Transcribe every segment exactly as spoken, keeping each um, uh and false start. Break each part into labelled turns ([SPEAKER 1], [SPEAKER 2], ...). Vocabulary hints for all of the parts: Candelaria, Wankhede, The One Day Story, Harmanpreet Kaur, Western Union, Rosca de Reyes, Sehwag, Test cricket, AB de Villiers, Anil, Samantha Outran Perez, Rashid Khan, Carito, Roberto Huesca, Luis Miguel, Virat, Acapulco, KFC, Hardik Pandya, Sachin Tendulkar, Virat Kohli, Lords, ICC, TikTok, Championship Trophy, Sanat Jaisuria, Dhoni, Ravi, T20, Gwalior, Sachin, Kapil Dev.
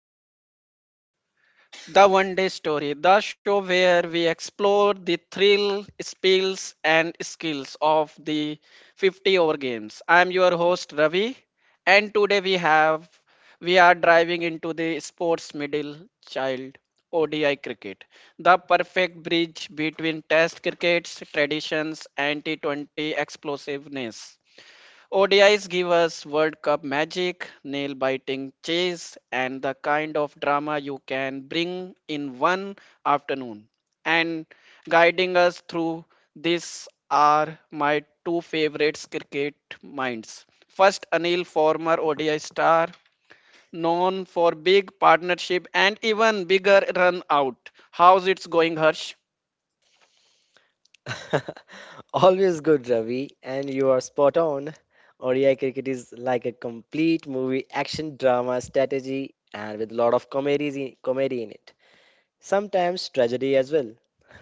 [SPEAKER 1] Welcome back. The One Day Story, the show where we explore the thrill, spills, and skills of the fifty over games. I'm your host Ravi, and today we have we are driving into the sports middle child O D I cricket, the perfect bridge between Test cricket's traditions and T twenty explosiveness. O D Is give us World Cup magic, nail biting chase, and the kind of drama you can bring in one afternoon. And guiding us through this are my two favorites cricket minds. First, Anil, former O D I star, known for big partnership and even bigger run out. How's it's going, Harsh?
[SPEAKER 2] Always good, Ravi, and you are spot on. O D I cricket is like a complete movie, action, drama, strategy, and with a lot of comedies in, comedy in it. Sometimes tragedy as well.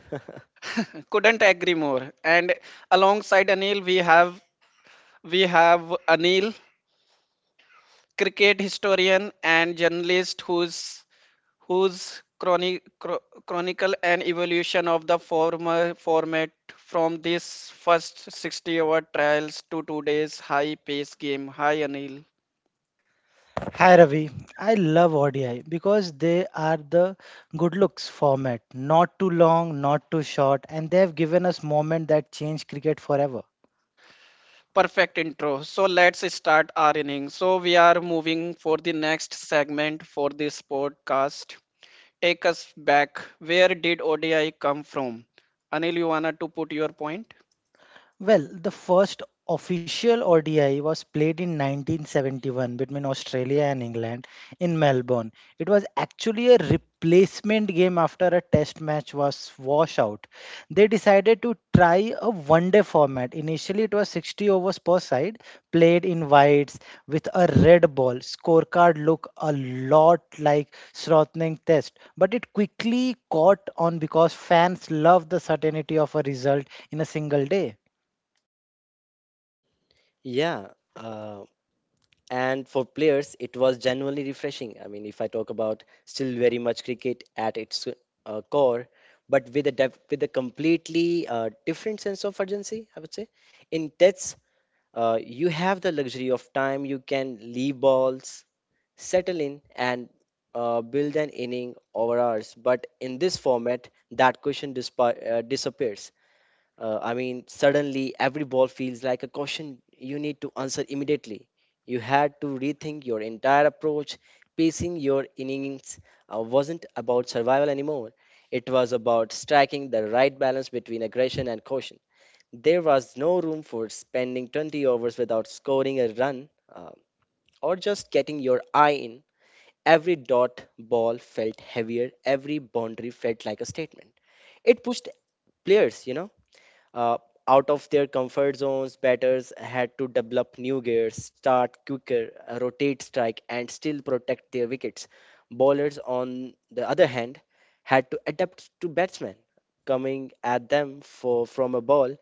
[SPEAKER 1] Couldn't agree more. And alongside Anil, we have we have Anil, cricket historian and journalist, whose whose chroni- chro- chronicle and evolution of the former format from this first sixty hour trials to today's high pace game. Hi, Anil.
[SPEAKER 3] Hi Ravi, I love O D I because they are the good looks format, not too long, not too short, and they have given us moment that change cricket forever.
[SPEAKER 1] Perfect intro, so let's start our innings. So we are moving for the next segment for this podcast. Take us back, where did ODI come from? Anil, you wanna to put your point?
[SPEAKER 3] Well, the first official O D I was played in nineteen seventy-one between Australia and England in Melbourne. It was actually a replacement game after a test match was washout. They decided to try a one day format. Initially, it was sixty overs per side, played in wides with a red ball. Scorecard looked a lot like Srotning test, but it quickly caught on because fans love the certainty of a result in a single day.
[SPEAKER 2] Yeah, uh, and for players it was genuinely refreshing. I mean, if I talk about, still very much cricket at its uh, core, but with a def- with a completely uh, different sense of urgency, I would say. In tets, uh, you have the luxury of time. You can leave balls, settle in, and uh, build an inning over hours. But in this format, that question dispa- uh, disappears. uh, I mean, suddenly every ball feels like a question you need to answer immediately. You had to rethink your entire approach. Pacing your innings uh, wasn't about survival anymore, it was about striking the right balance between aggression and caution. There was no room for spending twenty overs without scoring a run uh, or just getting your eye in. Every dot ball felt heavier, every boundary felt like a statement. It pushed players, you know uh, out of their comfort zones. Batters had to develop new gears, start quicker, uh, rotate strike, and still protect their wickets. Bowlers, on the other hand, had to adapt to batsmen coming at them for, from a ball,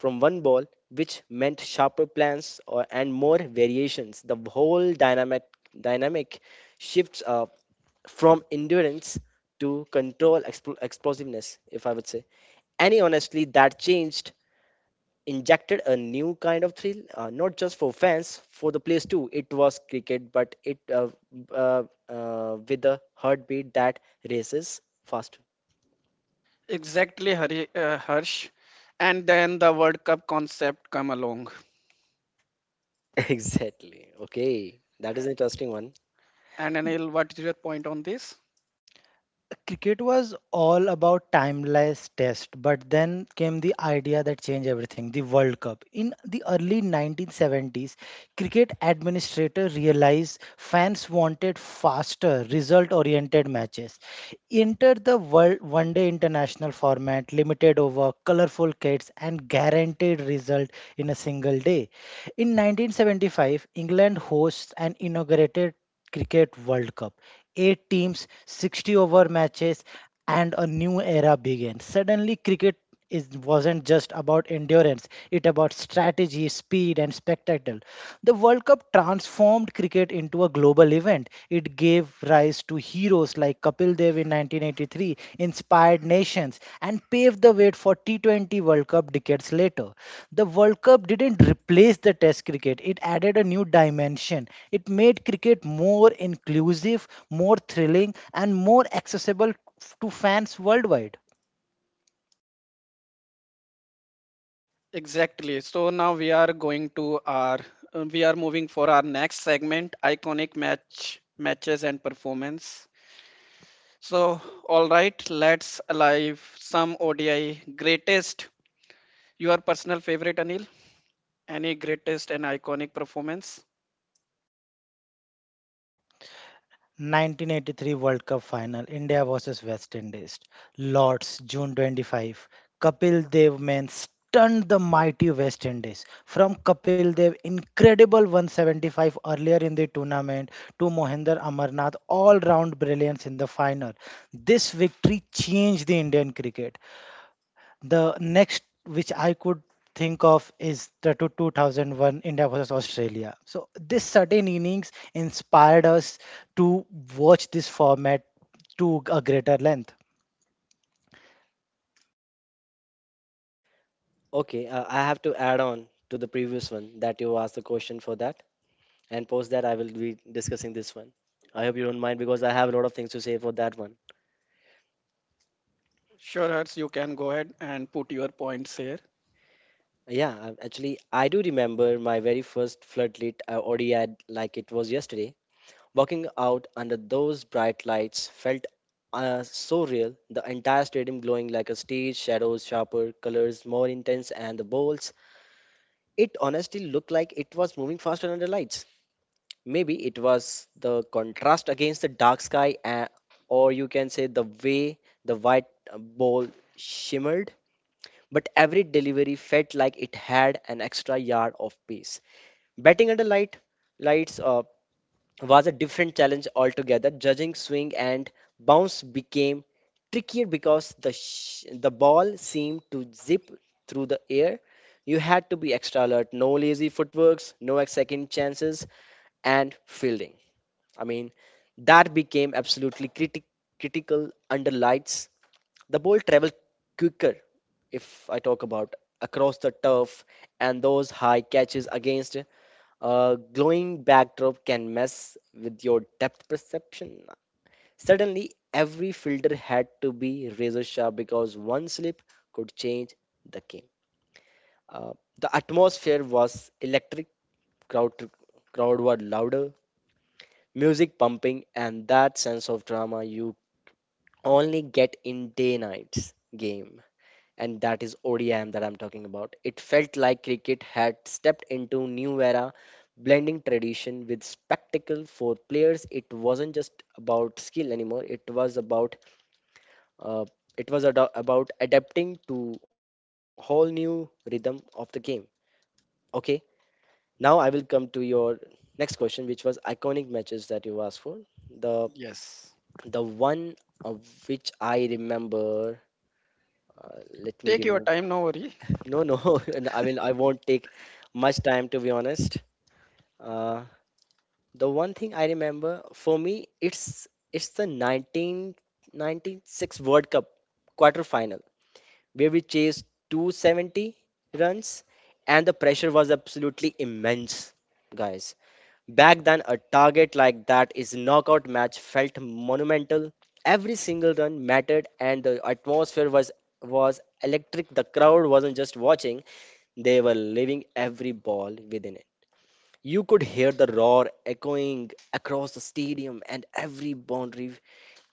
[SPEAKER 2] from one ball, which meant sharper plans or, and more variations. The whole dynamic dynamic shifts uh, from endurance to control, expl- explosiveness, if I would say. Any honestly, that changed injected a new kind of thrill, uh, not just for fans, for the players too. It was cricket, but it uh, uh, uh, with a heartbeat that races faster.
[SPEAKER 1] Exactly, Hari, uh, Harsh. And then the World Cup concept come along.
[SPEAKER 2] exactly. Okay, that is interesting one.
[SPEAKER 1] And Anil, what is your point on this?
[SPEAKER 3] Cricket was all about timeless test, but then came the idea that changed everything, the World Cup. In the early nineteen seventies, cricket administrator realized fans wanted faster, result oriented matches. Enter the world one day international format, limited over, colorful kits, and guaranteed result in a single day. In nineteen seventy-five, England hosts an inaugurated Cricket World Cup. Eight teams, sixty over matches, and a new era began. Suddenly, cricket it wasn't just about endurance, it about strategy, speed and spectacle. The world cup transformed cricket into a global event. It gave rise to heroes like Kapil Dev in nineteen eighty-three, inspired nations and paved the way for T twenty world cup decades later. The world cup didn't replace the test cricket, it added a new dimension. It made cricket more inclusive, more thrilling and more accessible f- to fans worldwide.
[SPEAKER 1] Exactly. So now we are going to our, uh, we are moving for our next segment, iconic match, matches and performance. So, all right, let's alive some O D I greatest. Your personal favorite, Anil? Any greatest and iconic performance?
[SPEAKER 3] nineteen eighty-three World Cup Final, India versus West Indies. Lords, June twenty-fifth. Kapil Dev men stunned the mighty West Indies. From Kapil Dev incredible one seventy-five earlier in the tournament to Mohinder Amarnath all-round brilliance in the final. This victory changed the Indian cricket. The next which I could think of is the two- 2001 India versus Australia. So this certain innings inspired us to watch this format to a greater length.
[SPEAKER 2] Okay, uh, I have to add on to the previous one that you asked the question for that, and post that I will be discussing this one. I hope you don't mind because I have a lot of things to say for that one.
[SPEAKER 1] Sure, Harsh, you can go ahead and put your points here.
[SPEAKER 2] Yeah, I- actually, I do remember my very first floodlit uh, O D I like it was yesterday. Walking out under those bright lights felt uh, so real, the entire stadium glowing like a stage, shadows sharper, colors more intense, and the balls. It honestly looked like it was moving faster under lights. Maybe it was the contrast against the dark sky, uh, or you can say the way the white uh, ball shimmered. But every delivery felt like it had an extra yard of pace. Batting under light lights, uh, was a different challenge altogether. Judging swing and bounce became trickier because the sh- the ball seemed to zip through the air. You had to be extra alert, no lazy footworks, no second chances, and fielding. I mean, that became absolutely criti- critical under lights. The ball traveled quicker, if I talk about, across the turf, and those high catches against a glowing backdrop can mess with your depth perception. Suddenly, every filter had to be razor sharp because one slip could change the game. Uh, the atmosphere was electric, crowd, crowd were louder, music pumping, and that sense of drama you only get in day night's game. And that is O D M that I'm talking about. It felt like cricket had stepped into new era, blending tradition with spectacle for players. It wasn't just about skill anymore. It was about uh, it was ad- about adapting to whole new rhythm of the game. Okay, now I will come to your next question, which was iconic matches that you asked for. The
[SPEAKER 1] Yes.
[SPEAKER 2] the one of which I remember. Uh, let me
[SPEAKER 1] Take your
[SPEAKER 2] remember.
[SPEAKER 1] time, no worry.
[SPEAKER 2] No, no. And I mean, I won't take much time to be honest. Uh, the one thing I remember for me, it's it's the nineteen ninety-six World Cup quarterfinal where we chased two hundred seventy runs, and the pressure was absolutely immense, guys. Back then, a target like that is knockout match felt monumental. Every single run mattered, and the atmosphere was was electric. The crowd wasn't just watching; they were leaving every ball within it. You could hear the roar echoing across the stadium and every boundary,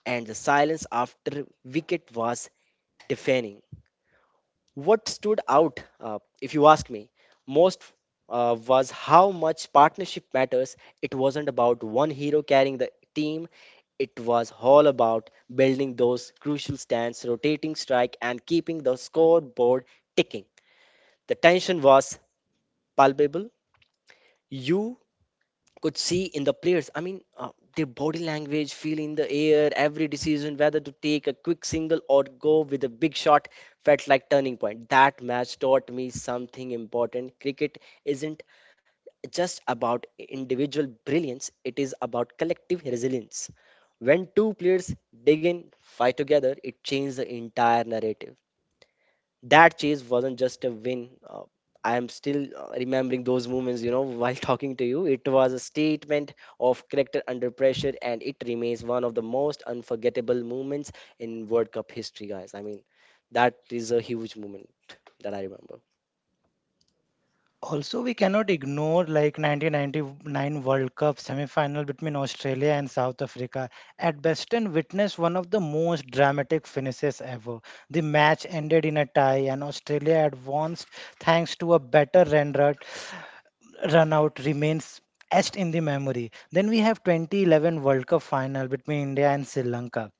[SPEAKER 2] and the silence after wicket was deafening. What stood out, uh, if you ask me, most, uh, was how much partnership matters. It wasn't about one hero carrying the team, it was all about building those crucial stands, rotating strike, and keeping the scoreboard ticking. The tension was palpable. You could see in the players. I mean, uh, their body language, feel in the air, every decision, whether to take a quick single or go with a big shot, felt like turning point. That match taught me something important. Cricket isn't just about individual brilliance; it is about collective resilience. When two players dig in, fight together, it changes the entire narrative. That chase wasn't just a win. Uh, I am still uh, remembering those moments, you know, while talking to you. It was a statement of character under pressure, and it remains one of the most unforgettable moments in World Cup history, guys. I mean, that is a huge moment that I remember.
[SPEAKER 3] Also, we cannot ignore like nineteen ninety-nine World Cup semi-final between Australia and South Africa. At Beston witnessed one of the most dramatic finishes ever. The match ended in a tie and Australia advanced thanks to a better run rate. Runout remains etched in the memory. Then we have twenty eleven World Cup final between India and Sri Lanka.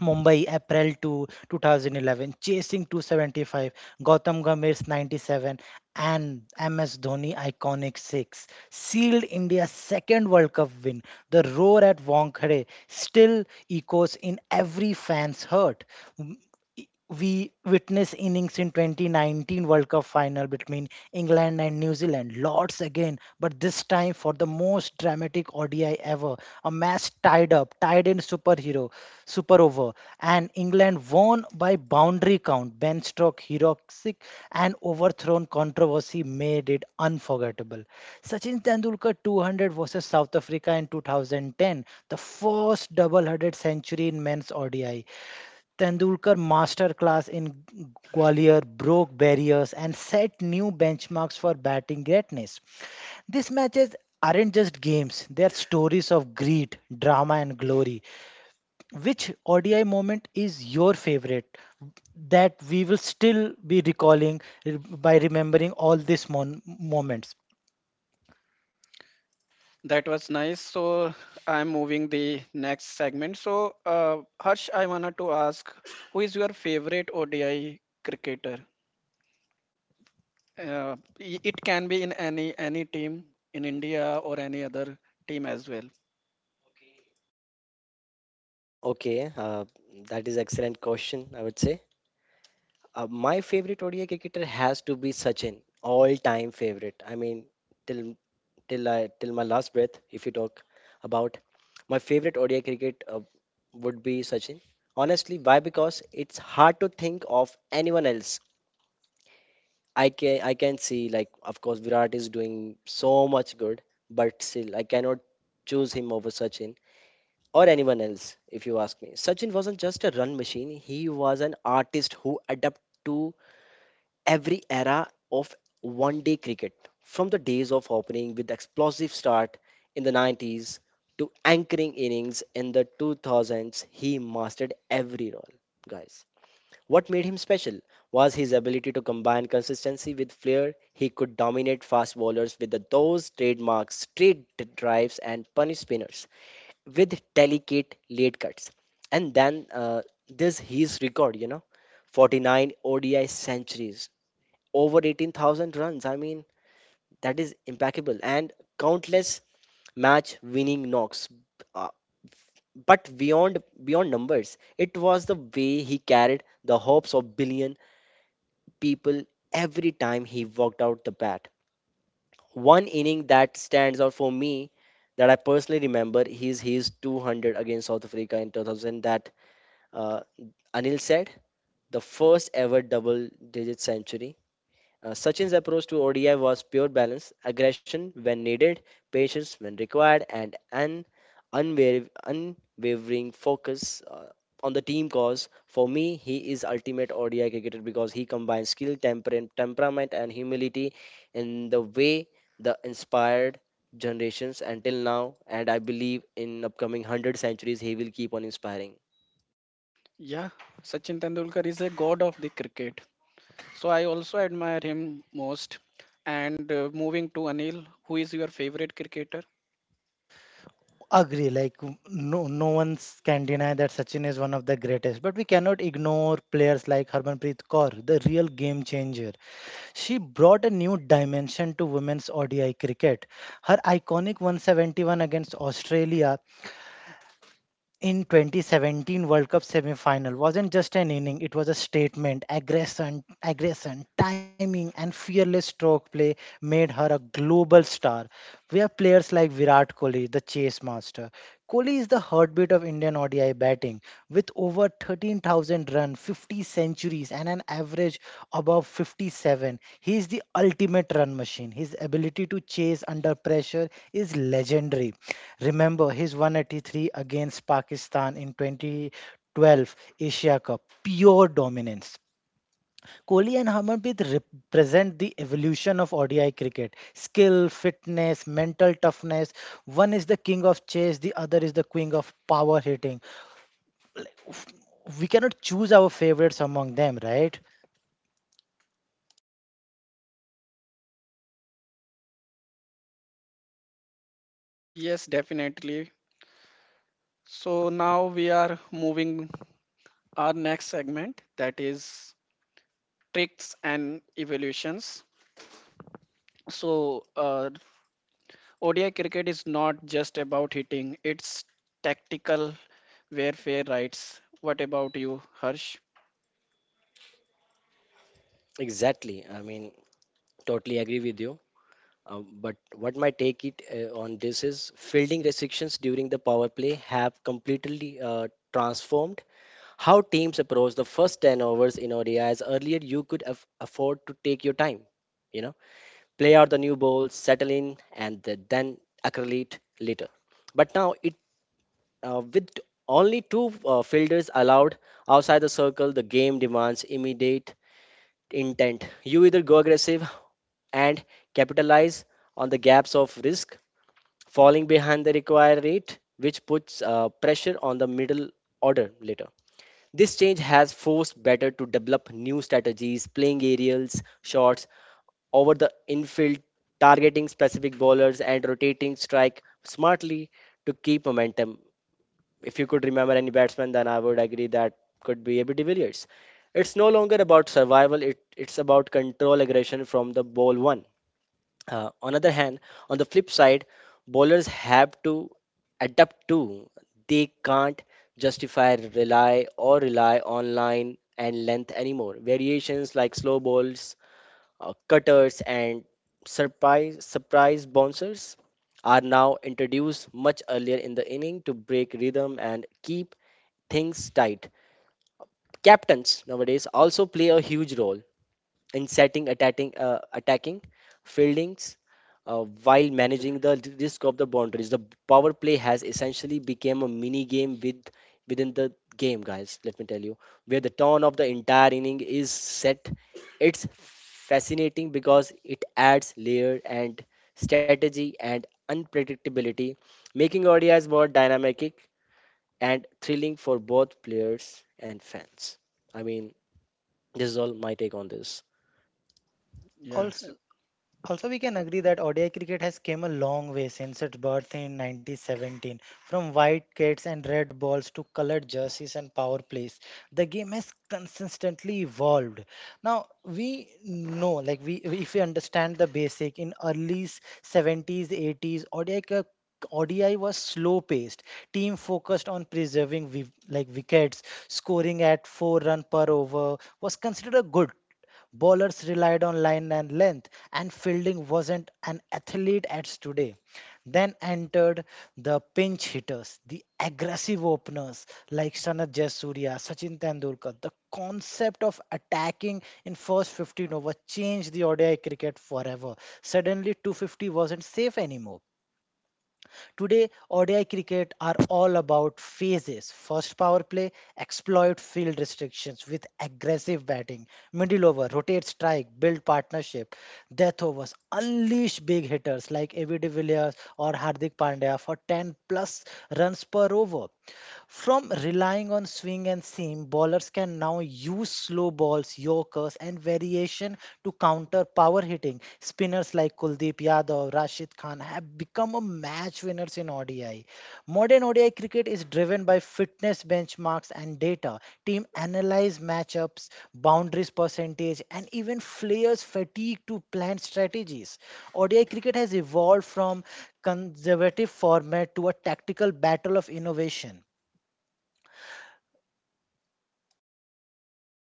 [SPEAKER 3] Mumbai, April second, two, twenty eleven, chasing two seventy-five, Gautam Gambhir's ninety-seven, and M S Dhoni iconic six, sealed India's second World Cup win. The roar at Wankhede still echoes in every fan's heart. M- i- We witnessed innings in twenty nineteen World Cup final between England and New Zealand, Lords again, but this time for the most dramatic O D I ever. A match tied up, tied in superhero super over, and England won by boundary count. Ben Stroke heroic and overthrown controversy made it unforgettable. Sachin Tendulkar two hundred versus South Africa in two thousand ten, the first double-headed century in men's O D I. Tendulkar masterclass in Gwalior broke barriers and set new benchmarks for batting greatness. These matches aren't just games, they are stories of greed, drama, and glory. Which O D I moment is your favorite that we will still be recalling r- by remembering all these mon- moments?
[SPEAKER 1] That was nice. So I'm moving the next segment. So uh, Harsh, I wanted to ask, who is your favorite O D I cricketer? Uh, i- it can be in any any team in India or any other team as well.
[SPEAKER 2] Okay, uh, that is excellent question, I would say. Uh, my favorite O D I cricketer has to be Sachin, all-time favorite. I mean, till till I till my last breath. If you talk about my favorite O D I cricket uh, would be Sachin. Honestly, why? Because it's hard to think of anyone else. I can I can see, like, of course Virat is doing so much good, but still I cannot choose him over Sachin or anyone else if you ask me. Sachin wasn't just a run machine. He was an artist who adapted to every era of one day cricket, from the days of opening with explosive start in the nineties to anchoring innings in the two thousands. He mastered every role, guys. What made him special was his ability to combine consistency with flair. He could dominate fast bowlers with the, those trademarks, straight d- drives, and punish spinners with delicate late cuts. And then uh, this his record, you know, forty-nine O D I centuries over eighteen thousand runs. I mean, that is impeccable and countless match winning knocks. Uh, but beyond beyond numbers, it was the way he carried the hopes of billion people every time he walked out the bat. One inning that stands out for me that I personally remember is his two hundred against South Africa in two thousand that uh, Anil said, the first ever double digit century. Uh, Sachin's approach to O D I was pure balance, aggression when needed, patience when required, and an unwaver- unwavering focus uh, on the team cause. For me, he is ultimate O D I cricketer because he combines skill, temper- temperament, and humility in the way the inspired generations until now. And I believe in upcoming one hundred centuries, he will keep on inspiring.
[SPEAKER 1] Yeah, Sachin Tendulkar is a god of the cricket. So I also admire him most. And uh, moving to Anil, who is your favorite cricketer?
[SPEAKER 3] Agree, like no, no one can deny that Sachin is one of the greatest, but we cannot ignore players like Harmanpreet Kaur, the real game changer. She brought a new dimension to women's O D I cricket. Her iconic one seventy-one against Australia in twenty seventeen World Cup semi-final wasn't just an inning, it was a statement, aggression, aggression, timing and fearless stroke play made her a global star. Where players like Virat Kohli, the chase master, Kohli is the heartbeat of Indian O D I batting with over thirteen thousand runs, fifty centuries, and an average above fifty-seven. He is the ultimate run machine. His ability to chase under pressure is legendary. Remember his one eighty-three against Pakistan in twenty twelve Asia Cup, pure dominance. Kohli and Harmanpreet represent the evolution of O D I cricket. Skill, fitness, mental toughness. One is the king of chase, the other is the queen of power hitting. We cannot choose our favorites among them, right?
[SPEAKER 1] Yes, definitely. So now we are moving our next segment, that is tricks and evolutions. So, uh, O D I cricket is not just about hitting, it's tactical warfare, rights. What about you, Harsh?
[SPEAKER 2] Exactly. I mean, totally agree with you. Um, but what my take it uh, on this is fielding restrictions during the power play have completely uh, transformed how teams approach the first ten overs in O D Is. Earlier, you could aff afford to take your time, you know, play out the new ball, settle in, and th- then accrelate later. But now, it uh, with only two uh, fielders allowed outside the circle, the game demands immediate intent. You either go aggressive and capitalize on the gaps of risk falling behind the required rate, which puts uh, pressure on the middle order later. This change has forced batter to develop new strategies, playing aerials, shots over the infield, targeting specific bowlers, and rotating strike smartly to keep momentum. If you could remember any batsman, then I would agree that could be A B de Villiers. It's no longer about survival, it, it's about control aggression from the ball one. Uh, on other hand, on the flip side, bowlers have to adapt too. They can't justify rely or rely on line and length anymore. Variations like slow balls, uh, cutters, and surprise surprise bouncers are now introduced much earlier in the inning to break rhythm and keep things tight. Captains nowadays also play a huge role in setting, attacking, uh, attacking fieldings, uh, while managing the risk of the boundaries. The power play has essentially become a mini game with within the game, guys. Let me tell you, where the tone of the entire inning is set. It's fascinating because it adds layer and strategy and unpredictability, making O D Is more dynamic and thrilling for both players and fans. I mean, this is all my take on this.
[SPEAKER 1] Yeah.
[SPEAKER 3] Also, Also, we can agree that O D I cricket has came a long way since its birth in nineteen seventeen. From white kits and red balls to colored jerseys and power plays, the game has consistently evolved. Now, we know, like we, if we understand the basic, in early seventies, eighties, O D I cri- O D I was slow paced. Team focused on preserving wi- like wickets, scoring at four run per over was considered a good. Bowlers relied on line and length, and fielding wasn't an athlete as today. Then entered the pinch hitters, the aggressive openers like Sanat Jaisuria, Sachin Tendulkar. The concept of attacking in first fifteen over changed the O D I cricket forever. Suddenly two fifty wasn't safe anymore. Today, O D I cricket are all about phases. First power play, exploit field restrictions with aggressive batting, middle over, rotate strike, build partnership, death overs, unleash big hitters like A B de Villiers or Hardik Pandya for ten plus runs per over. From relying on swing and seam, bowlers can now use slow balls, yorkers, and variation to counter power hitting. Spinners like Kuldeep Yadav, Rashid Khan have become a match winners in O D I. Modern O D I cricket is driven by fitness benchmarks and data. Team analyze matchups, boundaries percentage, and even players' fatigue to plan strategies. O D I cricket has evolved from conservative format to a tactical battle of innovation.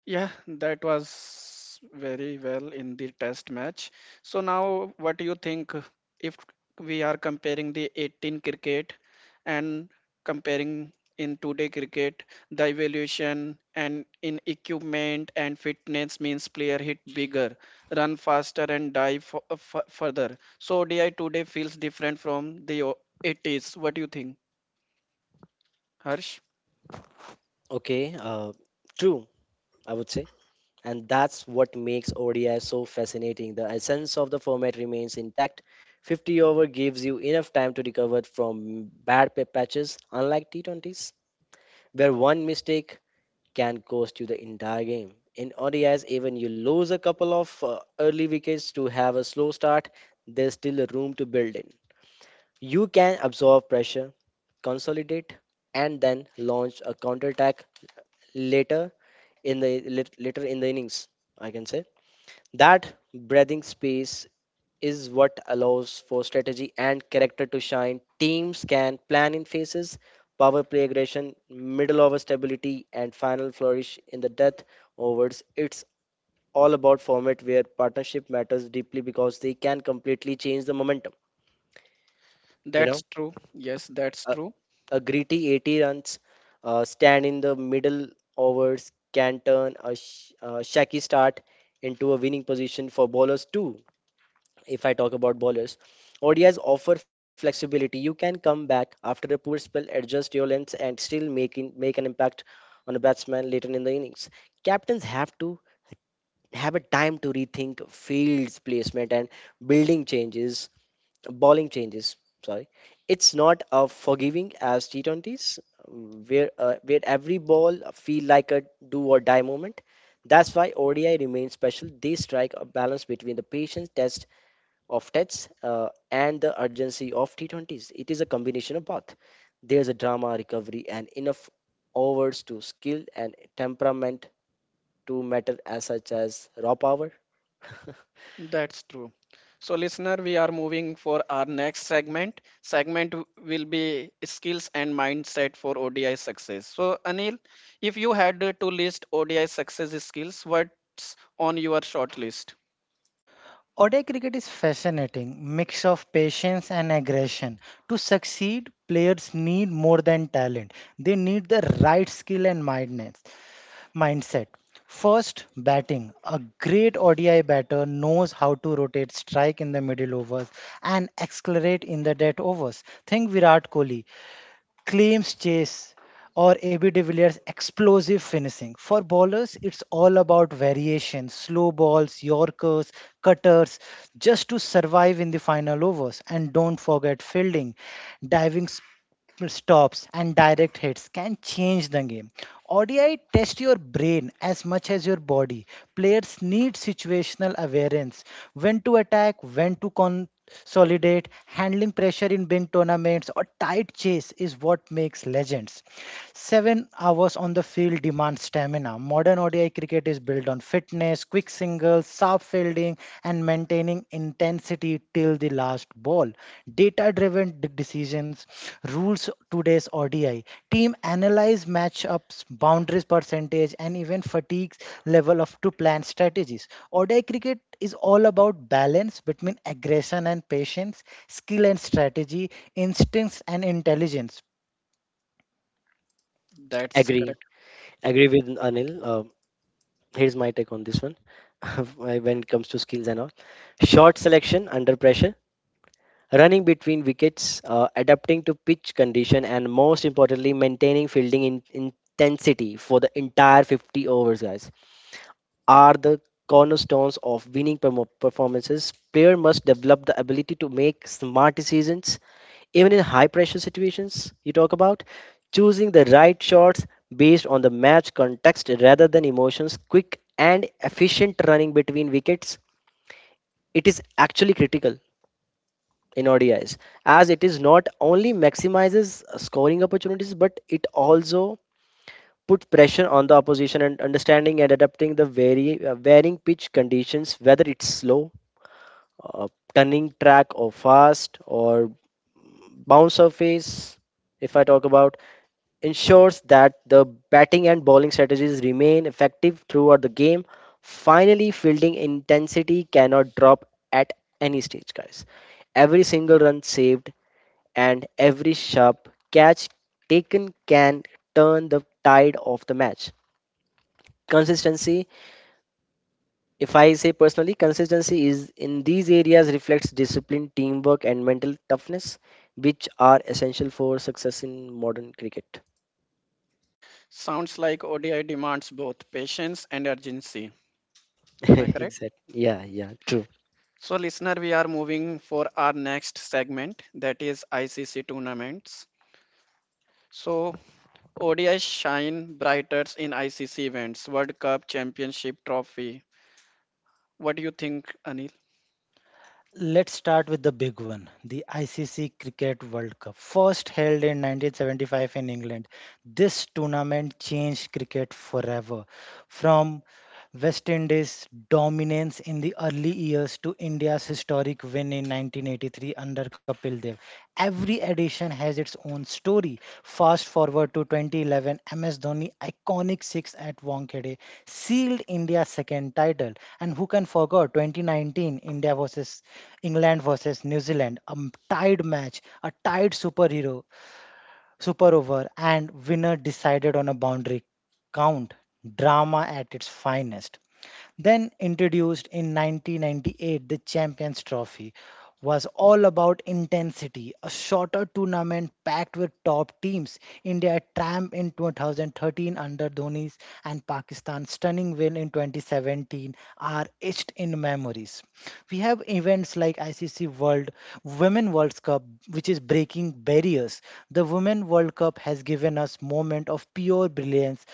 [SPEAKER 1] Yeah, that was very well in the test match. So now what do you think if we are comparing the eighteen cricket and comparing in today cricket, the evaluation and in equipment and fitness means player hit bigger, run faster and dive fu- uh, fu- further. So O D I today feels different from the o- eighties. What do you think, Harsh?
[SPEAKER 2] Okay, uh, true, I would say. And that's what makes O D I so fascinating. The essence of the format remains intact. fifty over gives you enough time to recover from bad pa- patches, unlike T twenty s, where one mistake can cost you the entire game. In O D Is, even you lose a couple of uh, early wickets to have a slow start, there's still a room to build in. You can absorb pressure, consolidate, and then launch a counterattack later in the lit- later in the innings, I can say that breathing space is what allows for strategy and character to shine. Teams can plan in phases: power play aggression, middle over stability, and final flourish in the death overs. It's all about format where partnership matters deeply because they can completely change the momentum you know
[SPEAKER 1] That's true. Yes, that's
[SPEAKER 2] Uh,
[SPEAKER 1] true.
[SPEAKER 2] A gritty eighty runs uh, stand in the middle overs can turn a, sh a shaky start into a winning position for bowlers too. If I talk about bowlers, O D Is offer flexibility. You can come back after a poor spell, adjust your lengths, and still make in, make an impact on a batsman later in the innings. Captains have to have a time to rethink fields placement and building changes bowling changes. Sorry, it's not a forgiving as T twenties, where uh, where every ball feel like a do or die moment. That's why O D I remains special. They strike a balance between the patience test of tests uh, and the urgency of T twenties. It is a combination of both. There's a drama, recovery, and enough overs to skill and temperament to matter as such as raw power.
[SPEAKER 1] That's true. So, listener, we are moving for our next segment. Segment w- will be skills and mindset for O D I success. So, Anil, if you had uh, to list O D I success skills, what's on your short list?
[SPEAKER 3] Oday cricket is fascinating mix of patience and aggression. To succeed, players need more than talent. They need the right skill and mindness, mindset. First, batting. A great O D I batter knows how to rotate strike in the middle overs and accelerate in the dead overs. Think Virat Kohli claims chase or A B de Villiers' explosive finishing. For bowlers, it's all about variation, slow balls, yorkers, cutters, just to survive in the final overs. And don't forget fielding, diving stops and direct hits can change the game. O D I tests your brain as much as your body. Players need situational awareness when to attack, when to consolidate. Handling pressure in big tournaments or tight chase is what makes legends. Seven hours on the field demand stamina. Modern O D I cricket is built on fitness, quick singles, sharp fielding, and maintaining intensity till the last ball. Data driven decisions rules today's O D I. Team analyze matchups, boundaries percentage, and even fatigue level of to plan strategies. O D I cricket is all about balance between aggression and patience, skill and strategy, instincts and intelligence.
[SPEAKER 1] That's
[SPEAKER 2] Agree,
[SPEAKER 1] correct.
[SPEAKER 2] agree with Anil. Uh, here's my take on this one. When it comes to skills and all, shot selection under pressure, running between wickets, uh, adapting to pitch condition, and most importantly maintaining fielding in- intensity for the entire fifty overs, guys, are the cornerstones of winning permo- performances. Player must develop the ability to make smart decisions even in high pressure situations. You talk about choosing the right shots based on the match context rather than emotions, quick and efficient running between wickets. It is actually critical in O D Is as it is not only maximizes scoring opportunities but it also put pressure on the opposition, and understanding and adapting the very uh, varying pitch conditions, whether it's slow, uh, turning track, or fast or bounce surface, if I talk about ensures that the batting and bowling strategies remain effective throughout the game. Finally, fielding intensity cannot drop at any stage, guys. Every single run saved and every sharp catch taken can turn the tide of the match. Consistency, if I say personally, consistency is in these areas reflects discipline, teamwork, and mental toughness, which are essential for success in modern cricket.
[SPEAKER 1] Sounds like O D I demands both patience and urgency. Am I correct?
[SPEAKER 2] Exactly. Yeah, yeah, true.
[SPEAKER 1] So, listener, we are moving for our next segment, that is I C C tournaments. So, O D I shine brightest in I C C events, World Cup, Championship Trophy. What do you think, Anil?
[SPEAKER 3] Let's start with the big one, the I C C Cricket World Cup, first held in nineteen seventy-five in England. This tournament changed cricket forever. From West Indies' dominance in the early years to India's historic win in nineteen eighty-three under Kapil Dev. Every edition has its own story. Fast forward to twenty eleven, M S Dhoni iconic six at Wankhede sealed India's second title. And who can forget twenty nineteen India versus England versus New Zealand, a m- tied match, a tied superhero, super over, and winner decided on a boundary count. Drama at its finest. Then introduced in nineteen ninety-eight, the Champions Trophy was all about intensity, a shorter tournament packed with top teams. India triumphed in twenty thirteen under Dhoni's and Pakistan's stunning win in twenty seventeen are etched in memories. We have events like I C C World Women World Cup, which is breaking barriers. The Women World Cup has given us moment of pure brilliance.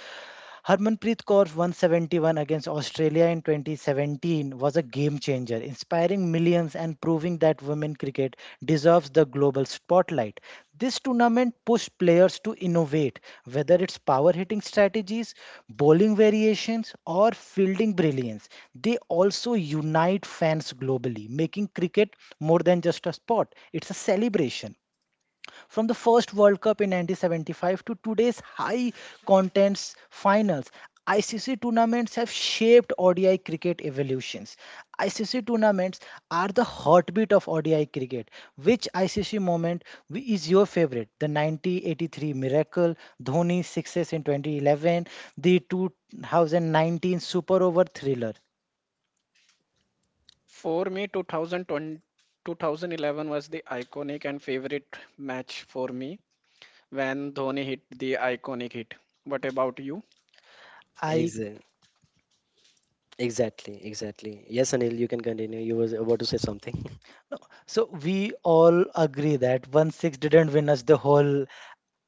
[SPEAKER 3] Harmanpreet Kaur's one seventy-one against Australia in twenty seventeen was a game changer, inspiring millions and proving that women cricket deserves the global spotlight. This tournament pushed players to innovate, whether it's power hitting strategies, bowling variations, or fielding brilliance. They also unite fans globally, making cricket more than just a sport, it's a celebration. From the first World Cup in nineteen seventy-five to today's high contents finals, I C C tournaments have shaped O D I cricket evolutions. I C C tournaments are the heartbeat of O D I cricket. Which I C C moment wi- is your favorite? The nineteen eighty-three miracle, Dhoni's success in twenty eleven, the twenty nineteen Super Over thriller.
[SPEAKER 1] For me, two thousand twenty two thousand eleven was the iconic and favorite match for me when Dhoni hit the iconic hit. What about you?
[SPEAKER 3] I
[SPEAKER 2] Exa- Exactly, exactly. Yes, Anil, you can continue. You was about to say something.
[SPEAKER 3] So we all agree that one six didn't win us the whole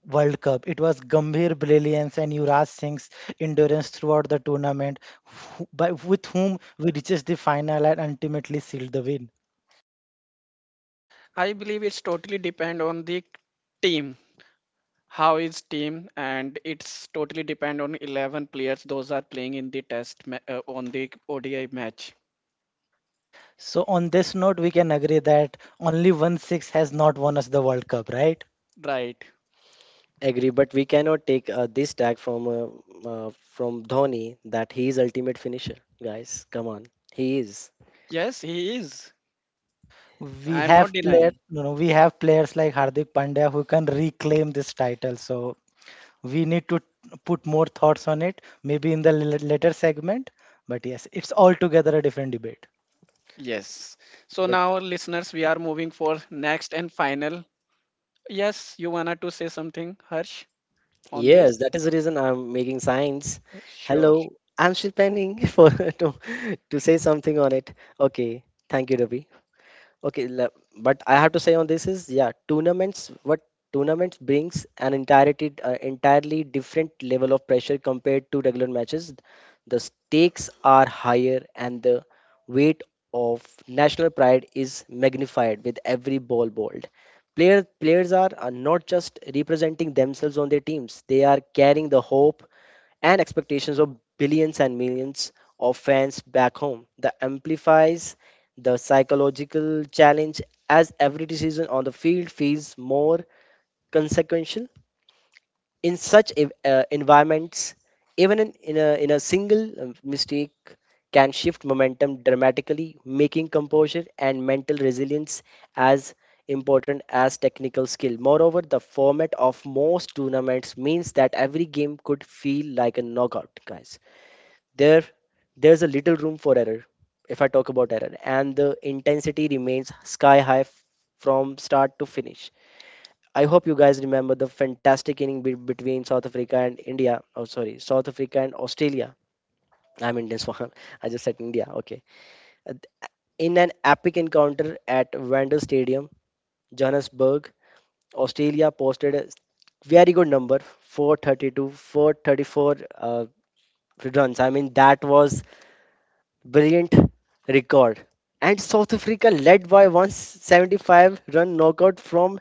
[SPEAKER 3] World Cup. It was Gambhir brilliance and Yuvraj Singh's endurance throughout the tournament, who- by with whom we reaches the final and ultimately sealed the win.
[SPEAKER 1] I believe it's totally depend on the team. How is team and it's totally depend on eleven players those are playing in the test ma- uh, on the O D I match.
[SPEAKER 3] So on this note, we can agree that only one six has not won us the World Cup, right?
[SPEAKER 1] Right.
[SPEAKER 2] Agree, but we cannot take uh, this tag from uh, uh, from Dhoni that he is ultimate finisher. Guys, come on, he is.
[SPEAKER 1] Yes, he is.
[SPEAKER 3] We
[SPEAKER 1] I'm not
[SPEAKER 3] have player,
[SPEAKER 1] denying.
[SPEAKER 3] you know, we have players like Hardik Pandya who can reclaim this title. So we need to put more thoughts on it, maybe in the l- later segment. But yes, it's altogether a different debate.
[SPEAKER 1] Yes. So
[SPEAKER 2] But
[SPEAKER 1] now, listeners, we are moving for next and final. Yes, you wanted to say something, Harsh, on
[SPEAKER 2] yes,
[SPEAKER 1] this?
[SPEAKER 2] that is the reason I'm making signs.
[SPEAKER 1] Sure.
[SPEAKER 2] Hello, I'm still planning for to to say something on it. Okay, thank you, Ravi. Okay, le- but I have to say on this is, yeah, tournaments. What Tournaments brings an entirety uh, entirely different level of pressure compared to regular matches. The stakes are higher, and the weight of national pride is magnified with every ball bowled. Player, players are, are not just representing themselves on their teams; they are carrying the hope and expectations of billions and millions of fans back home, that amplifies the psychological challenge as every decision on the field feels more consequential in such ev- uh, environments. Even in, in, a, in a single um, mistake can shift momentum dramatically, making composure and mental resilience as important as technical skill. Moreover, the format of most tournaments means that every game could feel like a knockout, guys. There there's a little room for error. If I talk about error And the intensity remains sky high f- from start to finish. I hope you guys remember the fantastic inning be- between South Africa and India, oh sorry, South Africa and Australia. I'm Indian, so I just said India. Okay. Uh, in an epic encounter at Wembley stadium, Johannesburg, Australia posted a very good number, 432 four thirty-four uh, runs. I mean, that was brilliant record. And South Africa led by one hundred seventy-five run knockout from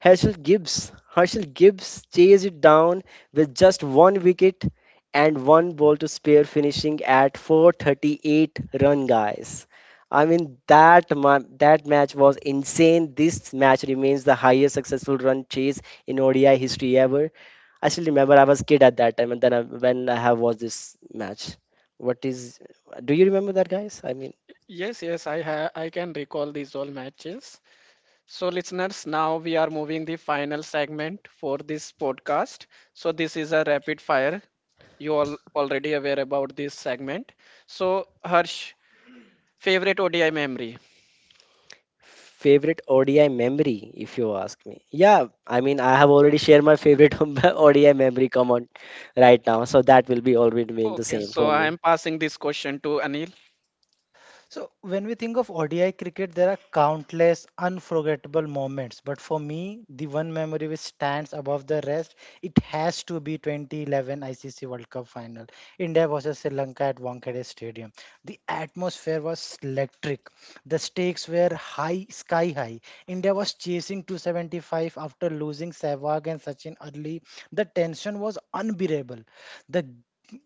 [SPEAKER 2] Herschel Gibbs. Herschel Gibbs chased it down with just one wicket and one ball to spare, finishing at four hundred thirty-eight run, guys. I mean that ma- that match was insane. This match remains the highest successful run chase in O D I history ever. I still remember I was kid at that time, and then I, when I have watched this match, what is? Do you remember that, guys? I mean,
[SPEAKER 1] Yes, yes, I have. I can recall these all matches. So, listeners, now we are moving the final segment for this podcast. So, this is a rapid fire. You all already aware about this segment. So, Harsh, favorite O D I memory.
[SPEAKER 2] favorite O D I memory, if you ask me. Yeah, I mean, I have already shared my favorite O D I memory. Come on, right now, so that will be always remain the
[SPEAKER 1] Okay,
[SPEAKER 2] same
[SPEAKER 1] so
[SPEAKER 2] for
[SPEAKER 1] I
[SPEAKER 2] me.
[SPEAKER 1] am passing this question to Anil.
[SPEAKER 3] So, when we think of O D I cricket, there are countless unforgettable moments. But for me, the one memory which stands above the rest, it has to be twenty eleven I C C World Cup final, India versus Sri Lanka at Wankhede Stadium. The atmosphere was electric. The stakes were high, sky high. India was chasing two seventy-five after losing Sehwag and Sachin early. The tension was unbearable. The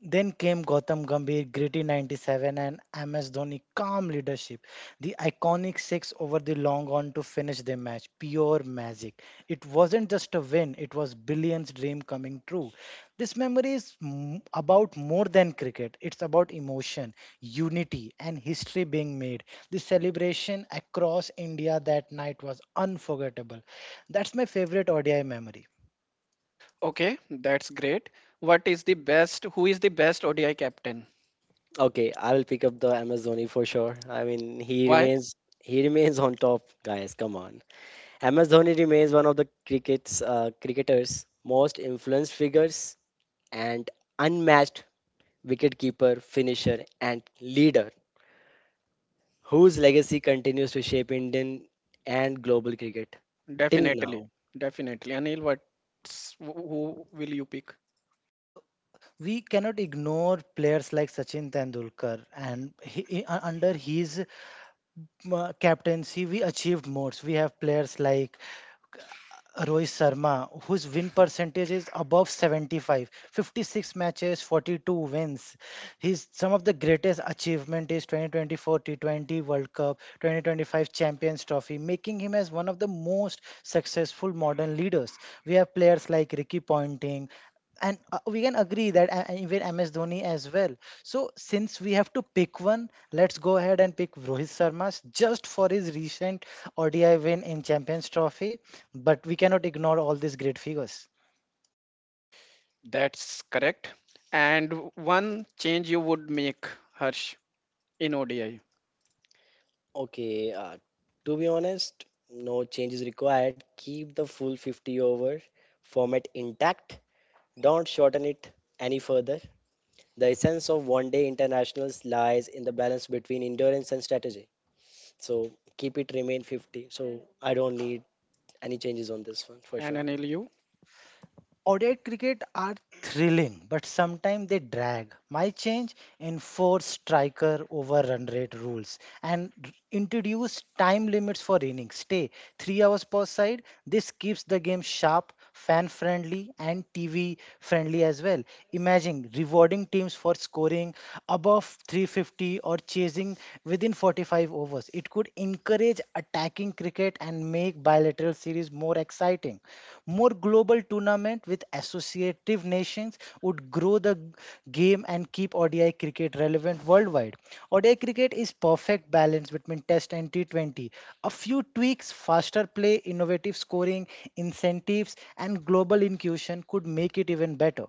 [SPEAKER 3] then came Gautam Gambhir, gritty ninety-seven, and M S Dhoni, calm leadership. The iconic six over the long on to finish the match, pure magic. It wasn't just a win, it was billions' dream coming true. This memory is m- about more than cricket, it's about emotion, unity, and history being made. The celebration across India that night was unforgettable. That's my favorite O D I memory.
[SPEAKER 1] Okay, that's great. What is the best? Who is the best O D I captain?
[SPEAKER 2] Okay, I will pick up the M S Dhoni for sure. I mean, he
[SPEAKER 1] Why?
[SPEAKER 2] remains he remains on top, guys. Come on, M S Dhoni remains one of the cricket's uh, cricketers most influenced figures and unmatched wicketkeeper, finisher, and leader, whose legacy continues to shape Indian and global cricket till now.
[SPEAKER 1] Definitely, definitely. Anil, what's wh- who will you pick?
[SPEAKER 3] So, we cannot ignore players like Sachin Tendulkar, and he, he- u- under his uh, captaincy, we achieved more. We have players like Rohit Sharma, whose win percentage is above seventy-five, fifty-six matches, forty-two wins. His some of the greatest achievement is twenty twenty-four T twenty World Cup, twenty twenty-five Champions Trophy, making him as one of the most successful modern leaders. We have players like Ricky Ponting, and uh, we can agree that uh, and even M S Dhoni as well. So since we have to pick one, let's go ahead and pick Rohit Sharma just for his recent O D I win in Champions Trophy but we cannot ignore all these great figures.
[SPEAKER 1] That's correct. And one change you would make, Harsh, in O D I.
[SPEAKER 2] Okay, uh, to be honest, no change is required. Keep the full fifty over format intact, don't shorten it any further. The essence of one day internationals lies in the balance between endurance and strategy. So keep it remain fifty. So I don't need any changes on this one for
[SPEAKER 1] And
[SPEAKER 2] sure.
[SPEAKER 1] Anil, you.
[SPEAKER 3] O D I cricket are thrilling, but sometimes they drag. My change enforce striker over run rate rules and r- introduce time limits for innings. Stay three hours per side. This keeps the game sharp, fan friendly, and T V friendly as well. Imagine rewarding teams for scoring above three fifty or chasing within forty-five overs. It could encourage attacking cricket and make bilateral series more exciting. More global tournament with associative nations would grow the game and keep O D I cricket relevant worldwide. O D I cricket is perfect balance between Test and T twenty. A few tweaks, faster play, innovative scoring, incentives, and global inclusion could make it even better.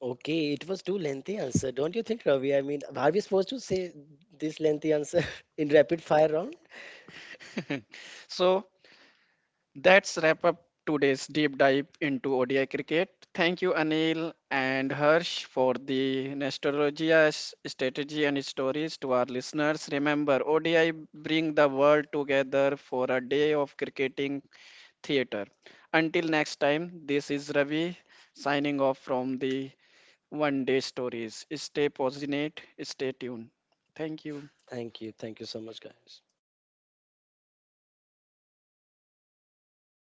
[SPEAKER 2] Okay, it was too lengthy answer, don't you think, Ravi? I mean, are we supposed to say this lengthy answer in rapid fire round?
[SPEAKER 1] So that's wrap up today's deep dive into O D I cricket. Thank you, Anil and Harsh, for the nostalgia's strategy and stories to our listeners. Remember, O D I bring the world together for a day of cricketing theater. Until next time, this is Ravi signing off from the One Day Stories. Stay positive, stay tuned. Thank you.
[SPEAKER 2] Thank you, thank you so much, guys.